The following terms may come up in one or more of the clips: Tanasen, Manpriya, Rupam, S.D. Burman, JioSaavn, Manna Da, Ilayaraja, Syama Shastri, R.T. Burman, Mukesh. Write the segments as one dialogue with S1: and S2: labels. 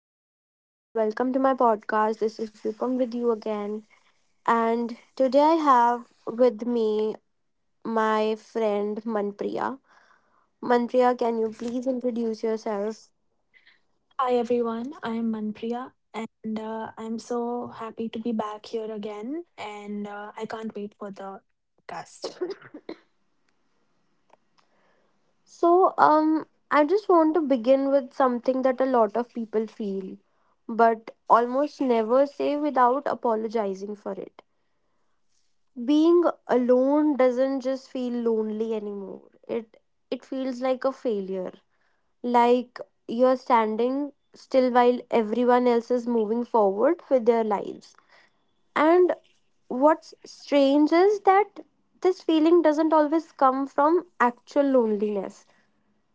S1: everyone, welcome to my podcast. This is Rupam with you again. And today I have with me my friend Manpriya. Manpriya, can you please introduce yourself?
S2: Hi everyone, I'm Manpriya and I'm so happy to be back here again and I can't wait for the cast.
S1: I just want to begin with something that a lot of people feel, but almost never say without apologizing for it. Being alone doesn't just feel lonely anymore. It feels like a failure, like you're standing still while everyone else is moving forward with their lives. And what's strange is that this feeling doesn't always come from actual loneliness.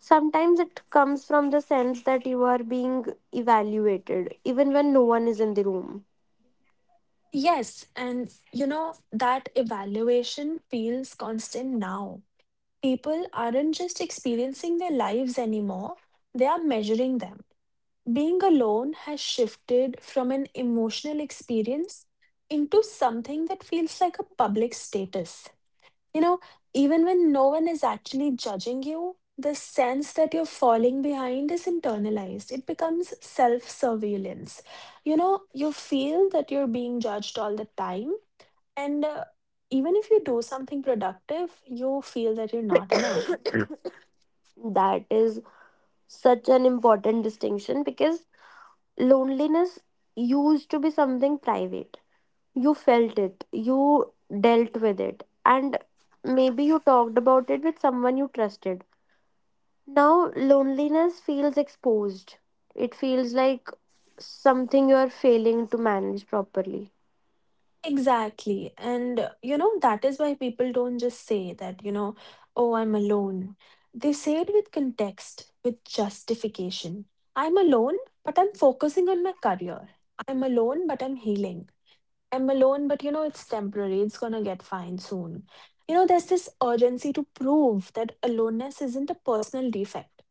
S1: Sometimes it comes from the sense that you are being evaluated, even when no one is in the room.
S2: Yes, and you know that evaluation feels constant now. People aren't just experiencing their lives anymore, they are measuring them. Being alone has shifted from an emotional experience into something that feels like a public status. You know, Even when no one is actually judging you, the sense that you're falling behind is internalized. It becomes self surveillance. You feel that you're being judged all the time. And even if you do something productive, you feel that you're not enough.
S1: That is such an important distinction because loneliness used to be something private. You felt it, you dealt with it, and maybe you talked about it with someone you trusted. Now, loneliness feels exposed. It feels like something you are failing to manage properly.
S2: Exactly. And that is why people don't just say that, oh, I'm alone. They say it with context, with justification. I'm alone, but I'm focusing on my career. I'm alone, but I'm healing. I'm alone, but, it's temporary. It's gonna get fine soon. There's this urgency to prove that aloneness isn't a personal defect.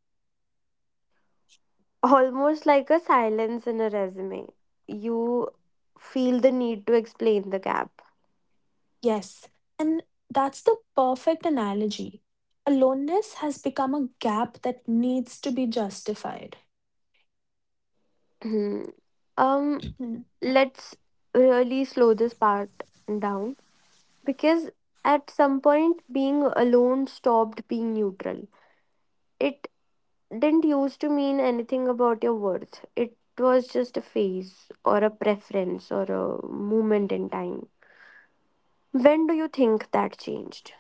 S1: Almost like a silence in a resume. You feel the need to explain the gap.
S2: Yes. And that's the perfect analogy. Aloneness has become a gap that needs to be justified.
S1: um,
S2: Hmm.
S1: let's really slow this part down, because at some point being alone stopped being neutral. It didn't used to mean anything about your worth. It was just a phase or a preference or a moment in time. When do you think that changed?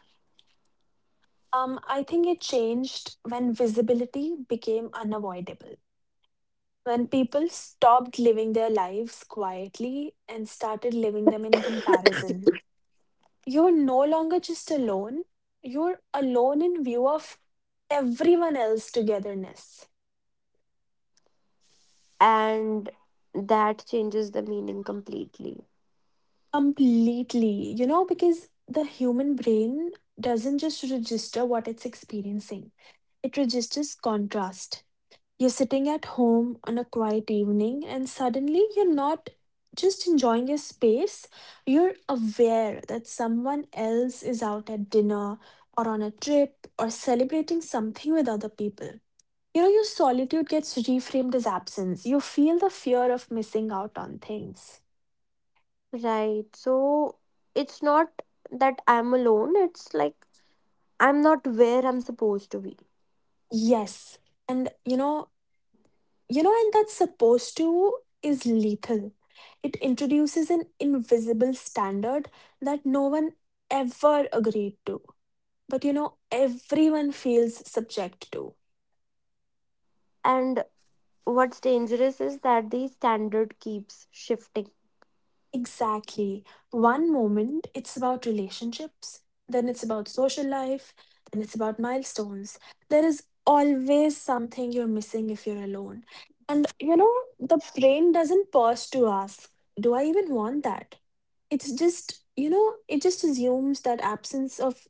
S2: I think it changed when visibility became unavoidable. When people stopped living their lives quietly and started living them in comparison. You're no longer just alone, you're alone in view of everyone else's togetherness.
S1: And that changes the meaning completely.
S2: Completely, because the human brain doesn't just register what it's experiencing, it registers contrast. You're sitting at home on a quiet evening, and suddenly you're not just enjoying your space, you're aware that someone else is out at dinner or on a trip or celebrating something with other people. Your solitude gets reframed as absence. You feel the fear of missing out on things.
S1: Right, so it's not that I'm alone, it's like I'm not where I'm supposed to be.
S2: Yes. And you know, You know, and that supposed to is lethal. It introduces an invisible standard that no one ever agreed to. But everyone feels subject to.
S1: And what's dangerous is that the standard keeps shifting.
S2: Exactly. One moment it's about relationships, then it's about social life, then it's about milestones. There is always something you're missing if you're alone. And the brain doesn't pause to ask, do I even want that? It just assumes that absence of,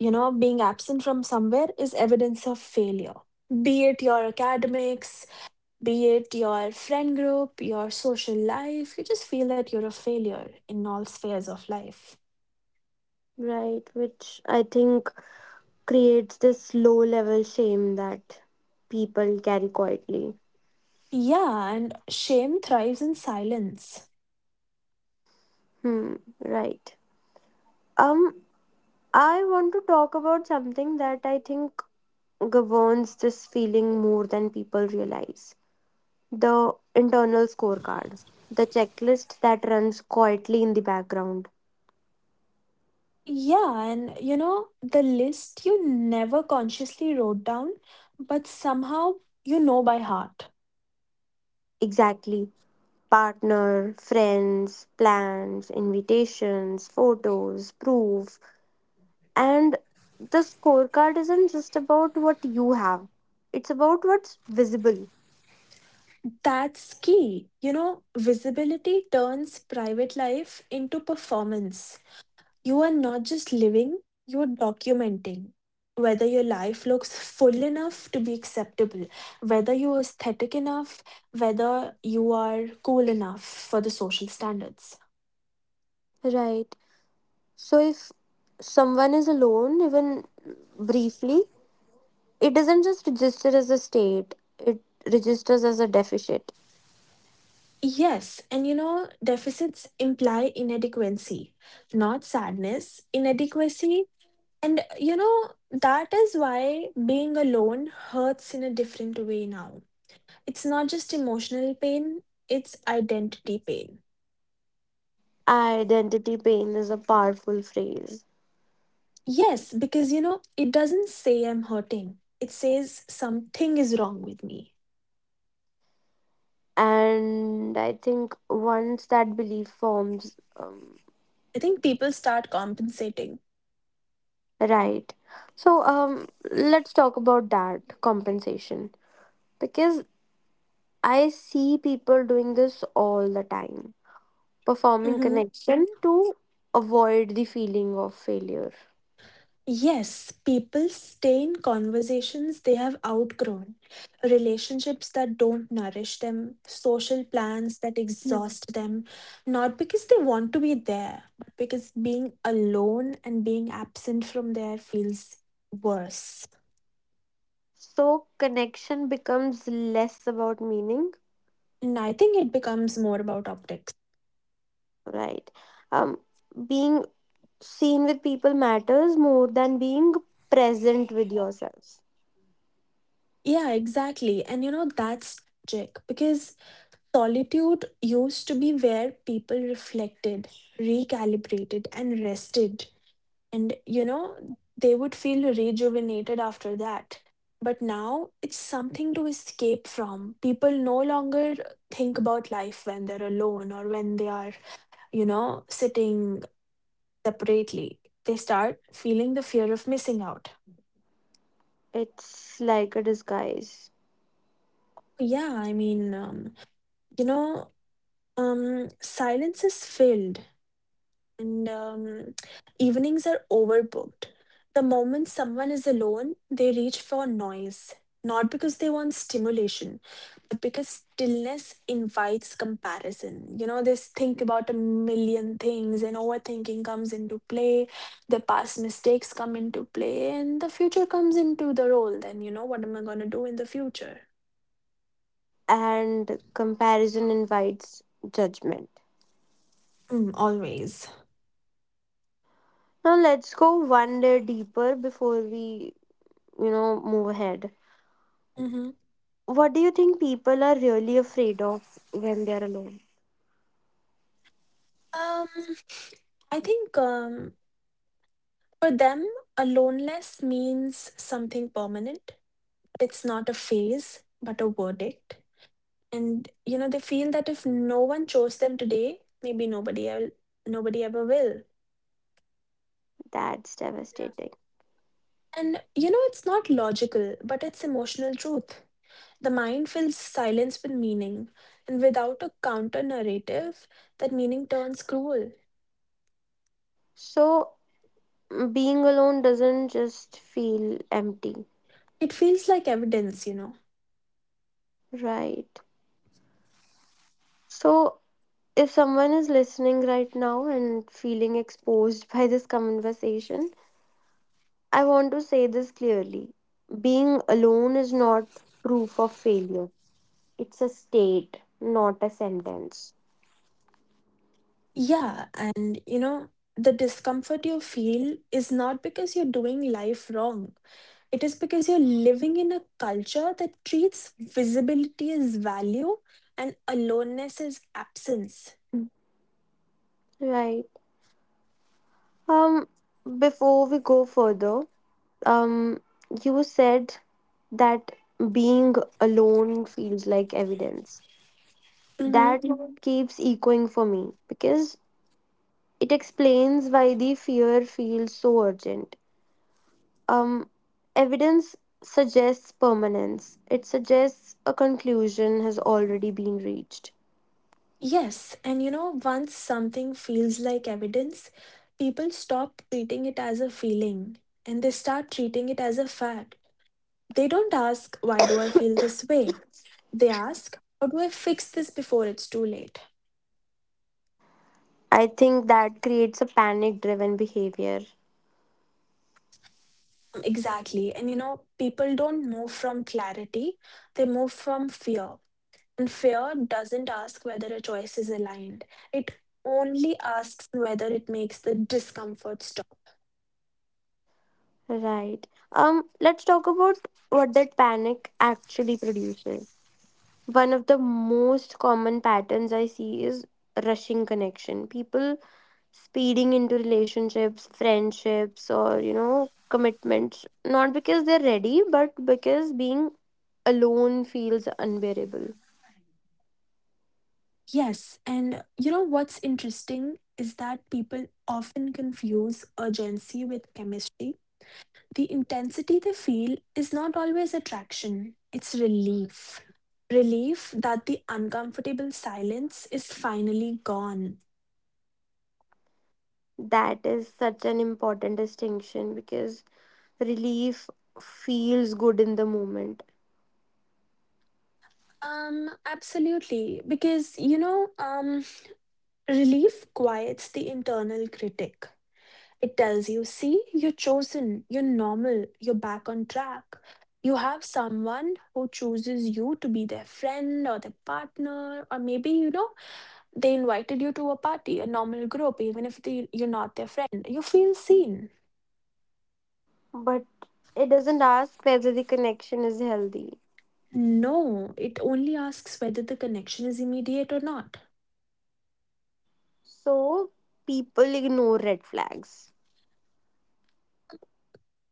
S2: you know, being absent from somewhere is evidence of failure. Be it your academics, be it your friend group, your social life, you just feel that you're a failure in all spheres of life.
S1: Right, which I think creates this low level shame that people carry quietly.
S2: Yeah, and shame thrives in silence.
S1: Hmm, right. Um, I want to talk about something that I think governs this feeling more than people realize: the internal scorecard, the checklist that runs quietly in the background.
S2: Yeah, and the list you never consciously wrote down, but somehow you know by heart.
S1: Exactly. Partner, friends, plans, invitations, photos, proof. And the scorecard isn't just about what you have, it's about what's visible.
S2: That's key. Visibility turns private life into performance. You are not just living, you're documenting. Whether your life looks full enough to be acceptable, whether you're aesthetic enough, whether you are cool enough for the social standards.
S1: Right. So if someone is alone, even briefly, it doesn't just register as a state, it registers as a deficit.
S2: Yes, and deficits imply inadequacy, not sadness. Inadequacy. And that is why being alone hurts in a different way now. It's not just emotional pain, it's identity pain.
S1: Identity pain is a powerful phrase.
S2: Yes, because it doesn't say I'm hurting, it says something is wrong with me.
S1: And I think once that belief forms,
S2: I think people start compensating.
S1: right. So let's talk about that compensation because I see people doing this all the time, performing
S2: Mhm.
S1: connection to avoid the feeling of failure.
S2: Yes, people stay in conversations they have outgrown, relationships that don't nourish them, social plans that
S1: Mhm.
S2: exhaust them, not because they want to be there, but because being alone and being absent from there feels worse.
S1: So connection becomes less about meaning,
S2: And I think it becomes more about optics.
S1: right? Um, Being seen with people matters more than being present with yourself.
S2: Yeah, exactly. And that's tragic because solitude used to be where people reflected, recalibrated, and rested. And they would feel rejuvenated after that. But now it's something to escape from. People no longer think about life when they're alone or when they are, sitting separately. They start feeling the fear of missing out.
S1: It's like a disguise,
S2: Yeah, I mean, you know, silence is filled and evenings are overbooked. The moment someone is alone, they reach for noise, not because they want stimulation, but because stillness invites comparison. They think about a million things, and overthinking comes into play, the past mistakes come into play, and the future comes into the role. Then, what am I going to do in the future?
S1: and comparison invites judgment.
S2: Mm, always.
S1: Now let's go one layer deeper before we, move ahead.
S2: Hmm.
S1: What do you think people are really afraid of when they're alone?
S2: Um, I think. For them, aloneness means something permanent. It's not a phase, but a verdict. And they feel that if no one chose them today, maybe nobody ever will.
S1: That's devastating.
S2: And it's not logical, but it's emotional truth. The mind fills silence with meaning, and without a counter narrative, that meaning turns cruel.
S1: So, being alone doesn't just feel empty,
S2: It feels like evidence.
S1: right? So, if someone is listening right now and feeling exposed by this conversation, I want to say this clearly. Being alone is not proof of failure, it's a state, not a sentence.
S2: Yeah, and the discomfort you feel is not because you're doing life wrong. It is because you're living in a culture that treats visibility as value and aloneness as absence.
S1: Mm, right. Um, Before we go further, um, you said that being alone feels like evidence.
S2: Hmm.
S1: That Mhm. keeps echoing for me because it explains why the fear feels so urgent. Um, Evidence suggests permanence, it suggests a conclusion has already been reached.
S2: Yes, and once something feels like evidence, people stop treating it as a feeling and they start treating it as a fact. They don't ask, why do I feel this way? They ask, how do I fix this before it's too late?
S1: I think that creates a panic driven behavior.
S2: Exactly. And people don't move from clarity, they move from fear. And fear doesn't ask whether a choice is aligned, it only asks whether it makes the discomfort stop.
S1: Right. Let's talk about what that panic actually produces. One of the most common patterns I see is rushing connection. People speeding into relationships, friendships, or commitments, not because they're ready, but because being alone feels unbearable.
S2: Yes. And what's interesting is that people often confuse urgency with chemistry. The intensity they feel is not always attraction, it's relief. Relief that the uncomfortable silence is finally gone.
S1: That is such an important distinction because relief feels good in the moment,
S2: Absolutely. Because relief quiets the internal critic. It tells you, see, you're chosen, you're normal, you're back on track. You have someone who chooses you to be their friend or their partner, or maybe, they invited you to a party, a normal group, even if they, you're not their friend. You feel seen.
S1: but it doesn't ask whether the connection is healthy.
S2: No, it only asks whether the connection is immediate or not.
S1: So people ignore red flags.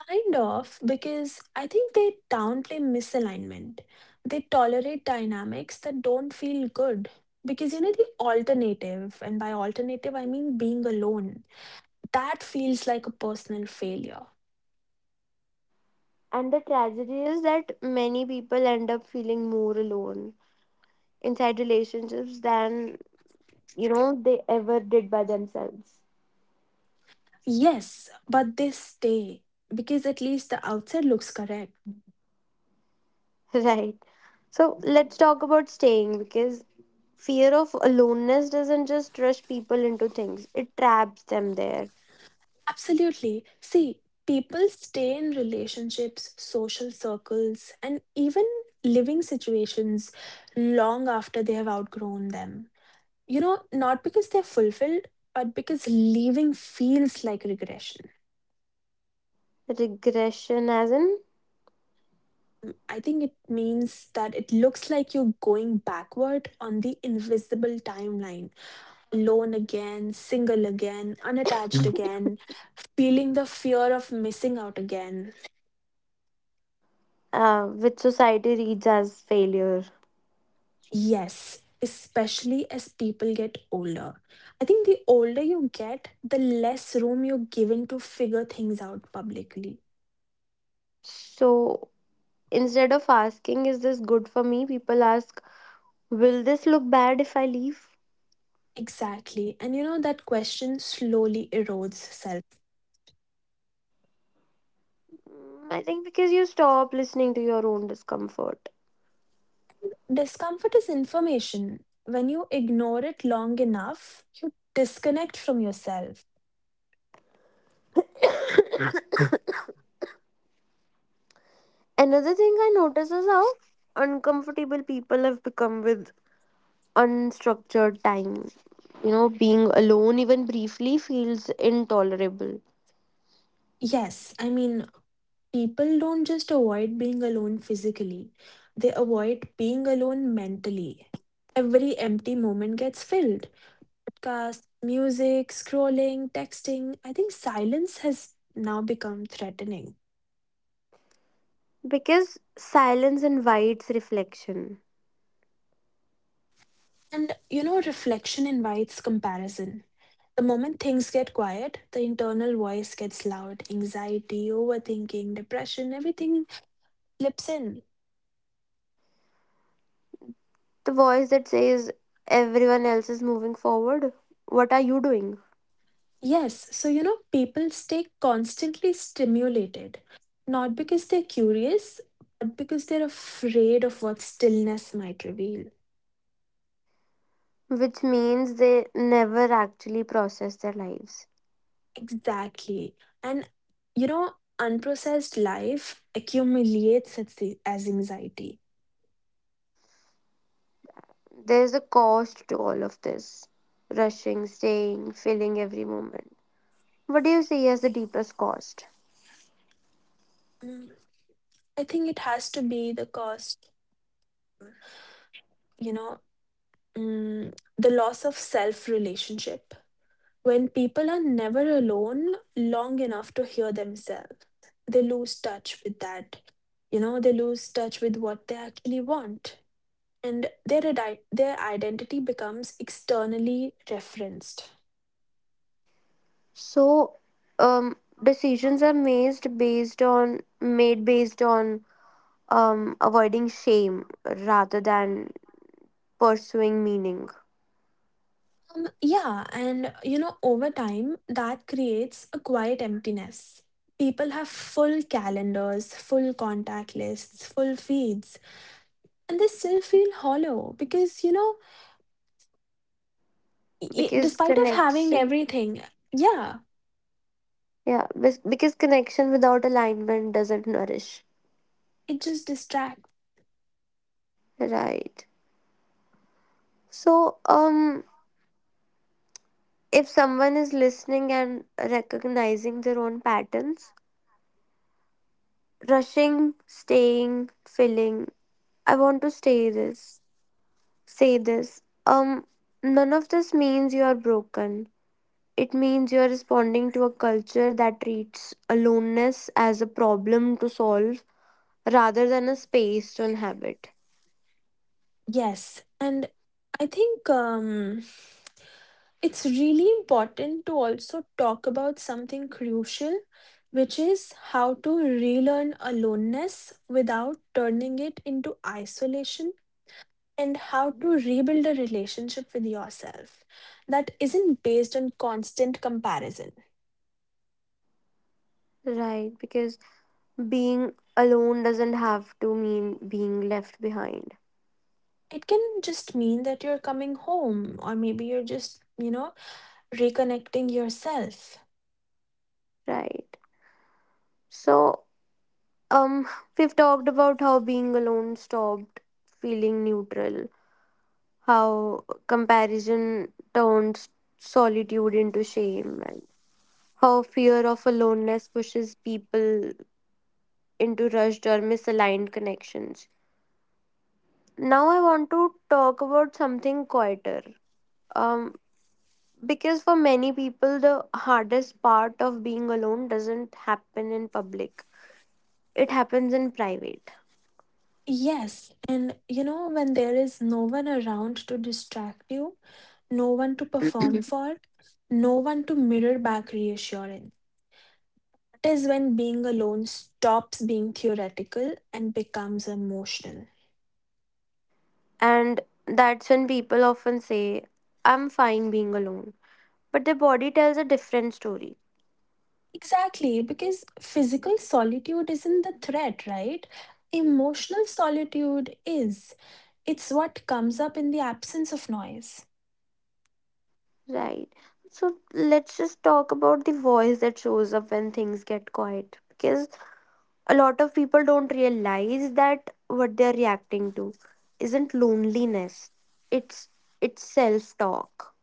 S2: Kind of, because I think they downplay misalignment. They tolerate dynamics that don't feel good. Because the alternative, and by alternative, I mean being alone, that feels like a personal failure.
S1: And the tragedy is that many people end up feeling more alone inside relationships than, they ever did by themselves.
S2: Yes, but they stay because at least the outside looks correct.
S1: Right. So let's talk about staying because fear of aloneness doesn't just rush people into things, it traps them there.
S2: Absolutely. See, people stay in relationships, social circles, and even living situations long after they have outgrown them. Not because they're fulfilled, but because leaving feels like regression.
S1: Regression, as in,
S2: Mm, I think it means that it looks like you're going backward on the invisible timeline. Alone again, single again, unattached again, feeling the fear of missing out again.
S1: which society reads as failure.
S2: Yes, especially as people get older. I think the older you get, the less room you're given to figure things out publicly.
S1: So instead of asking, is this good for me? People ask, will this look bad if I leave?
S2: Exactly. And that question slowly erodes self.
S1: Mm, I think because you stop listening to your own discomfort.
S2: Discomfort is information. When you ignore it long enough, you disconnect from yourself.
S1: Another thing I notice is how uncomfortable people have become with unstructured time. You know, being alone even briefly feels intolerable
S2: Yes, I mean, people don't just avoid being alone physically, they avoid being alone mentally. Every empty moment gets filled. Podcasts, music, scrolling, texting. I think silence has now become threatening.
S1: because silence invites reflection.
S2: And reflection invites comparison. The moment things get quiet, the internal voice gets loud. Anxiety, overthinking, depression, everything slips in.
S1: The voice that says, everyone else is moving forward, what are you doing?
S2: Yes, so people stay constantly stimulated, not because they're curious, but because they're afraid of what stillness might reveal.
S1: Which means they never actually process their lives.
S2: Exactly. And you know, unprocessed life accumulates as anxiety.
S1: There's a cost to all of this rushing, staying, feeling every moment. What do you see as the deepest cost?
S2: Mm, I think it has to be the cost, you know, the loss of self relationship. When people are never alone long enough to hear themselves, they lose touch with that. They lose touch with what they actually want. And their identity becomes externally referenced.
S1: So, um, decisions are made based on avoiding shame rather than pursuing meaning.
S2: Yeah, and over time, that creates a quiet emptiness. People have full calendars, full contact lists, full feeds, and they still feel hollow because
S1: Because
S2: despite of having
S1: connection,
S2: everything. Yeah,
S1: yeah, because connection without alignment doesn't nourish.
S2: it just distract.
S1: Right. So, if someone is listening and recognizing their own patterns, rushing, staying, filling. I want to stay this, say this. None of this means you are broken. It means you are responding to a culture that treats aloneness as a problem to solve rather than a space to inhabit.
S2: Yes, and I think it's really important to also talk about something crucial, which is how to relearn aloneness without turning it into isolation, and how to rebuild a relationship with yourself that isn't based on constant comparison.
S1: Right, because being alone doesn't have to mean being left behind.
S2: It can just mean that you're coming home, or maybe you're just, reconnecting yourself.
S1: Right. So, um, we've talked about how being alone stopped feeling neutral, how comparison turns solitude into shame, and how fear of aloneness pushes people into rushed or misaligned connections. Now, I want to talk about something quieter. Um, because for many people, the hardest part of being alone doesn't happen in public, it happens in private.
S2: Yes, and when there is no one around to distract you, no one to perform for, no one to mirror back reassurance. That is when being alone stops being theoretical and becomes emotional.
S1: And that's when people often say, I'm fine being alone. But their body tells a different story.
S2: Exactly, because physical solitude isn't the threat, right? Emotional solitude is. It's what comes up in the absence of noise.
S1: Right. So let's just talk about the voice that shows up when things get quiet because a lot of people don't realize that what they're reacting to isn't loneliness. It's it's self-talk.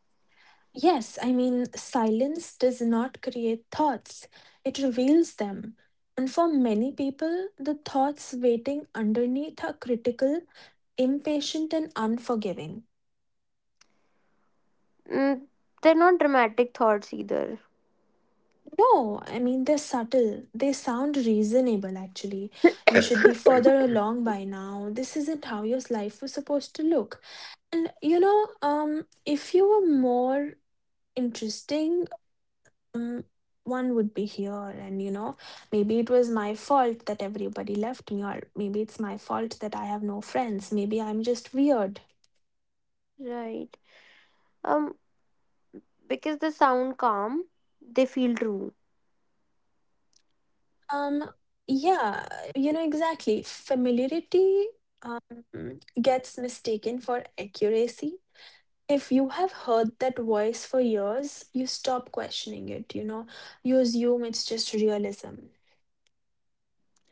S2: Yes, I mean, silence does not create thoughts, it reveals them. And for many people, the thoughts waiting underneath are critical, impatient, and unforgiving.
S1: Mm, they're not dramatic thoughts either.
S2: No, I mean, they're subtle. They sound reasonable, actually. You should be further along by now. This isn't how your life was supposed to look. If you were more interesting. Um, One would be here, and maybe it was my fault that everybody left me, or maybe it's my fault that I have no friends. Maybe I'm just weird.
S1: Right. Um because they sound calm, they feel true.
S2: um yeah, you know, exactly. Familiarity, gets mistaken for accuracy. If you have heard that voice for years, you stop questioning it, you know. You assume it's just realism.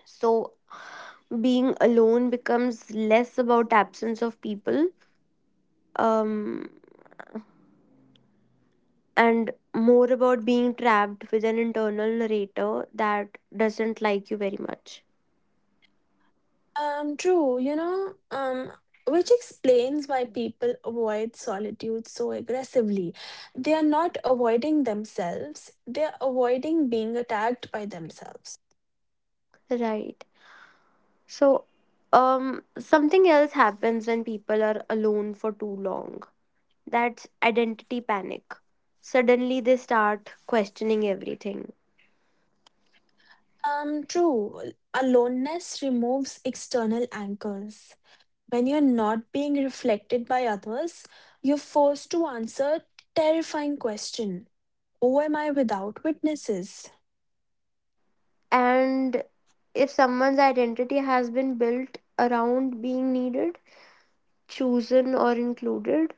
S1: So being alone becomes less about absence of people, um and more about being trapped with an internal narrator that doesn't like you very much.
S2: True, which explains why people avoid solitude so aggressively. They are not avoiding themselves, they are avoiding being attacked by themselves.
S1: Right. So, something else happens when people are alone for too long. That's identity panic. Suddenly, they start questioning everything.
S2: True, aloneness removes external anchors. When you're not being reflected by others, you're forced to answer terrifying question. Who am I without witnesses?
S1: And if someone's identity has been built around being needed, chosen, or included,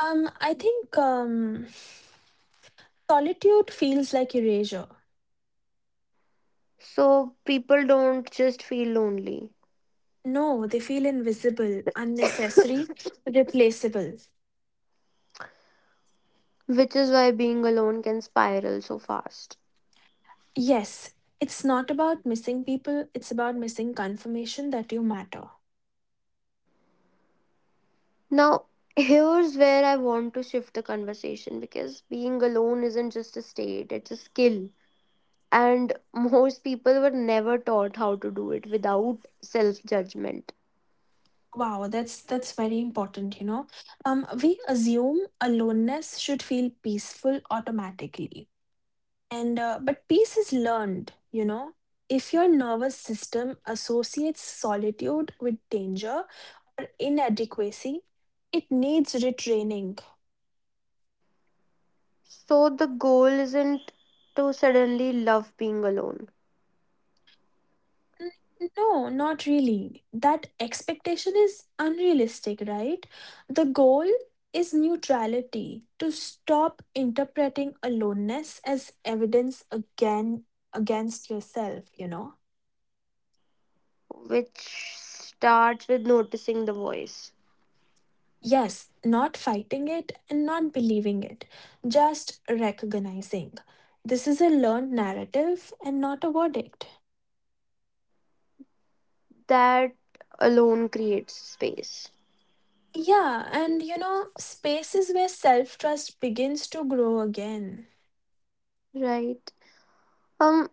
S2: I think solitude feels like erasure.
S1: so people don't just feel lonely.
S2: No, they feel invisible, unnecessary, replaceable.
S1: Which is why being alone can spiral so fast.
S2: Yes, it's not about missing people, it's about missing confirmation that you matter.
S1: Now, here's where I want to shift the conversation because being alone isn't just a state, it's a skill. And most people were never taught how to do it without self judgment.
S2: Wow, that's very important, you know. We assume aloneness should feel peaceful automatically. And but peace is learned, you know. If your nervous system associates solitude with danger or inadequacy, it needs retraining.
S1: So, the goal isn't to suddenly love being alone,
S2: N- No, not really. That expectation is unrealistic, right? The goal is neutrality, to stop interpreting aloneness as evidence again against yourself, you know?
S1: which starts with noticing the voice.
S2: Yes, not fighting it and not believing it, just recognizing. This is a learned narrative and not a verdict.
S1: That alone creates space,
S2: Yeah, and you know, spaces where self trust begins to grow again.
S1: right? Um,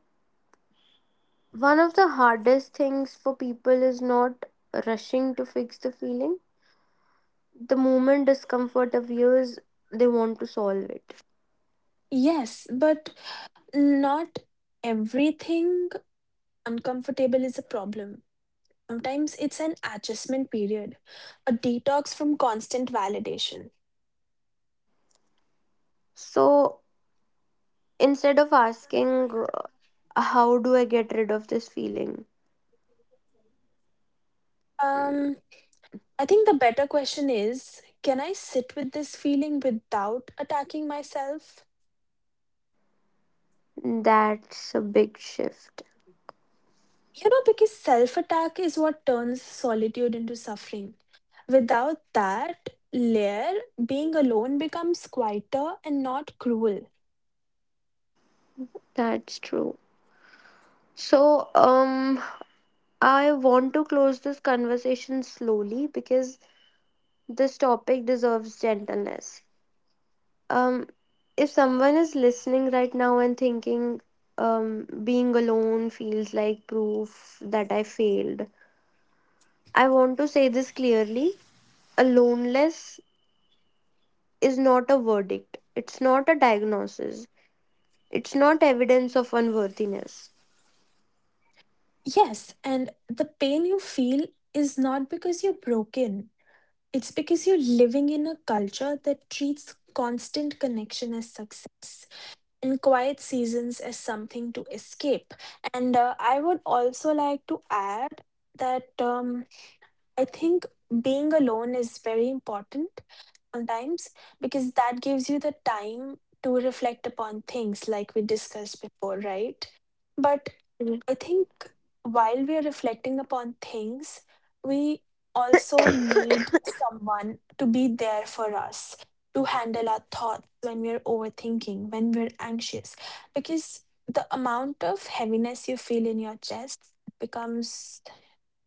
S1: One of the hardest things for people is not rushing to fix the feeling. The moment discomfort appears, they want to solve it.
S2: Yes, but not everything uncomfortable is a problem. Sometimes it's an adjustment period, a detox from constant validation.
S1: So instead of asking, how do I get rid of this feeling?
S2: Um, I think the better question is, can I sit with this feeling without attacking myself?
S1: That's a big shift.
S2: You know, because self attack is what turns solitude into suffering. Without that layer, being alone becomes quieter and not cruel.
S1: That's true. So, I want to close this conversation slowly because this topic deserves gentleness. um if someone is listening right now and thinking, being alone feels like proof that I failed, I want to say this clearly: aloneness is not a verdict, it's not a diagnosis, it's not evidence of unworthiness.
S2: Yes, and the pain you feel is not because you're broken. It's because you're living in a culture that treats constant connection as success and quiet seasons as something to escape. And I would also like to add that I think being alone is very important sometimes, because that gives you the time to reflect upon things like we discussed before, right? But
S1: Mm,
S2: I think while we are reflecting upon things, we also need someone to be there for us, to handle our thoughts when we're overthinking, when we're anxious, because the amount of heaviness you feel in your chest becomes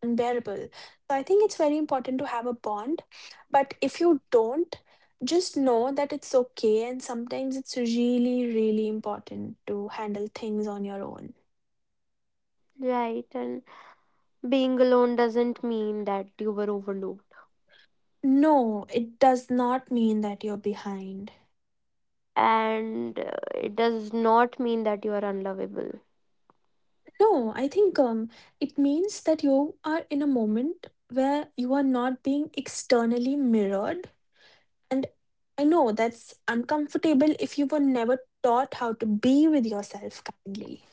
S2: unbearable. So I think it's very important to have a bond. But if you don't, just know that it's okay. And sometimes it's really, really important to handle things on your own.
S1: right. And being alone doesn't mean that you were overlooked.
S2: No, it does not mean that you're behind.
S1: And it does not mean that you are unlovable.
S2: No, I think it means that you are in a moment where you are not being externally mirrored. And I know that's uncomfortable if you were never taught how to be with yourself kindly.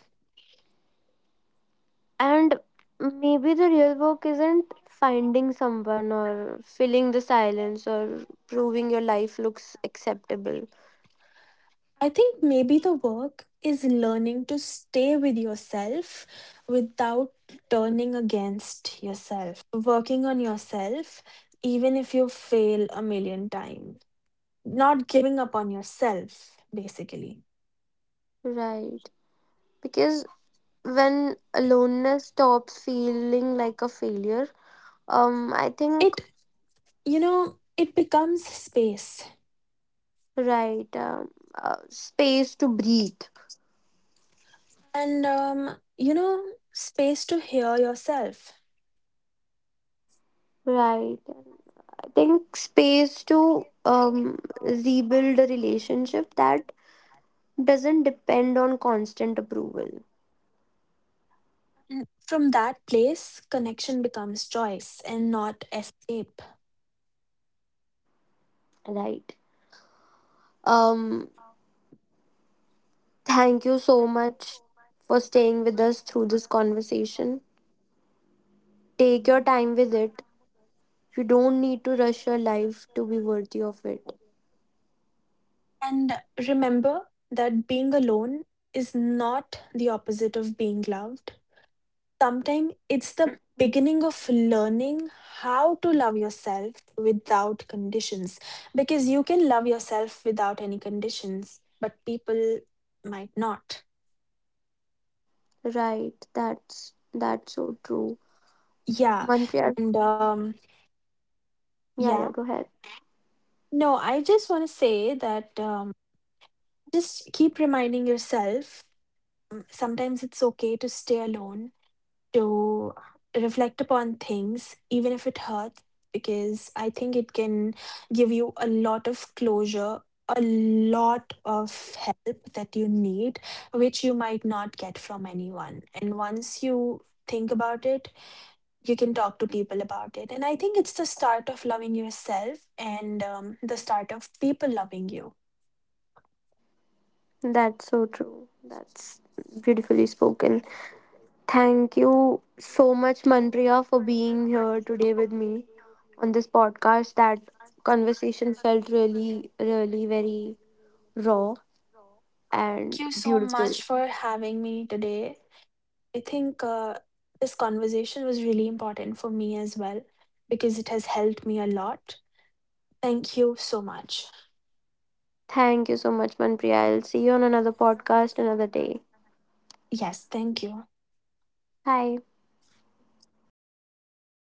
S1: And maybe the real work isn't finding someone or filling the silence or proving your life looks acceptable.
S2: I think maybe the work is learning to stay with yourself without turning against yourself, working on yourself, even if you fail a million times, not giving up on yourself, basically.
S1: Right. Because when aloneness stops feeling like a failure, I think,
S2: It, you know, it becomes space
S1: right, space to breathe.
S2: and, you know, space to hear yourself.
S1: Right. I think space to rebuild a relationship that doesn't depend on constant approval.
S2: Mm, from that place, connection becomes choice and not escape.
S1: Right. Um, Thank you so much for staying with us through this conversation. Take your time with it. You don't need to rush your life to be worthy of it.
S2: And remember that being alone is not the opposite of being loved. Sometimes it's the beginning of learning how to love yourself without conditions. Because you can love yourself without any conditions, but people might not.
S1: Right. That's so true.
S2: Yeah.
S1: Manpreet.
S2: And
S1: Yeah, yeah,
S2: Yeah.
S1: go ahead.
S2: No, I just want to say that just keep reminding yourself, sometimes it's okay to stay alone, to reflect upon things, even if it hurts, because I think it can give you a lot of closure, a lot of help that you need, which you might not get from anyone. And once you think about it, you can talk to people about it, and I think it's the start of loving yourself, and the start of people loving you.
S1: That's so true. That's beautifully spoken. Thank you so much, Manpriya, for being here today with me on this podcast. That conversation felt really, really very raw and
S2: Thank you so
S1: beautiful.
S2: much for having me today. I think this conversation was really important for me as well, because it has helped me a lot. Thank you so much.
S1: Thank you so much, Manpriya. I'll see you on another podcast another day.
S2: Yes, thank you.
S1: Bye.
S2: Bye.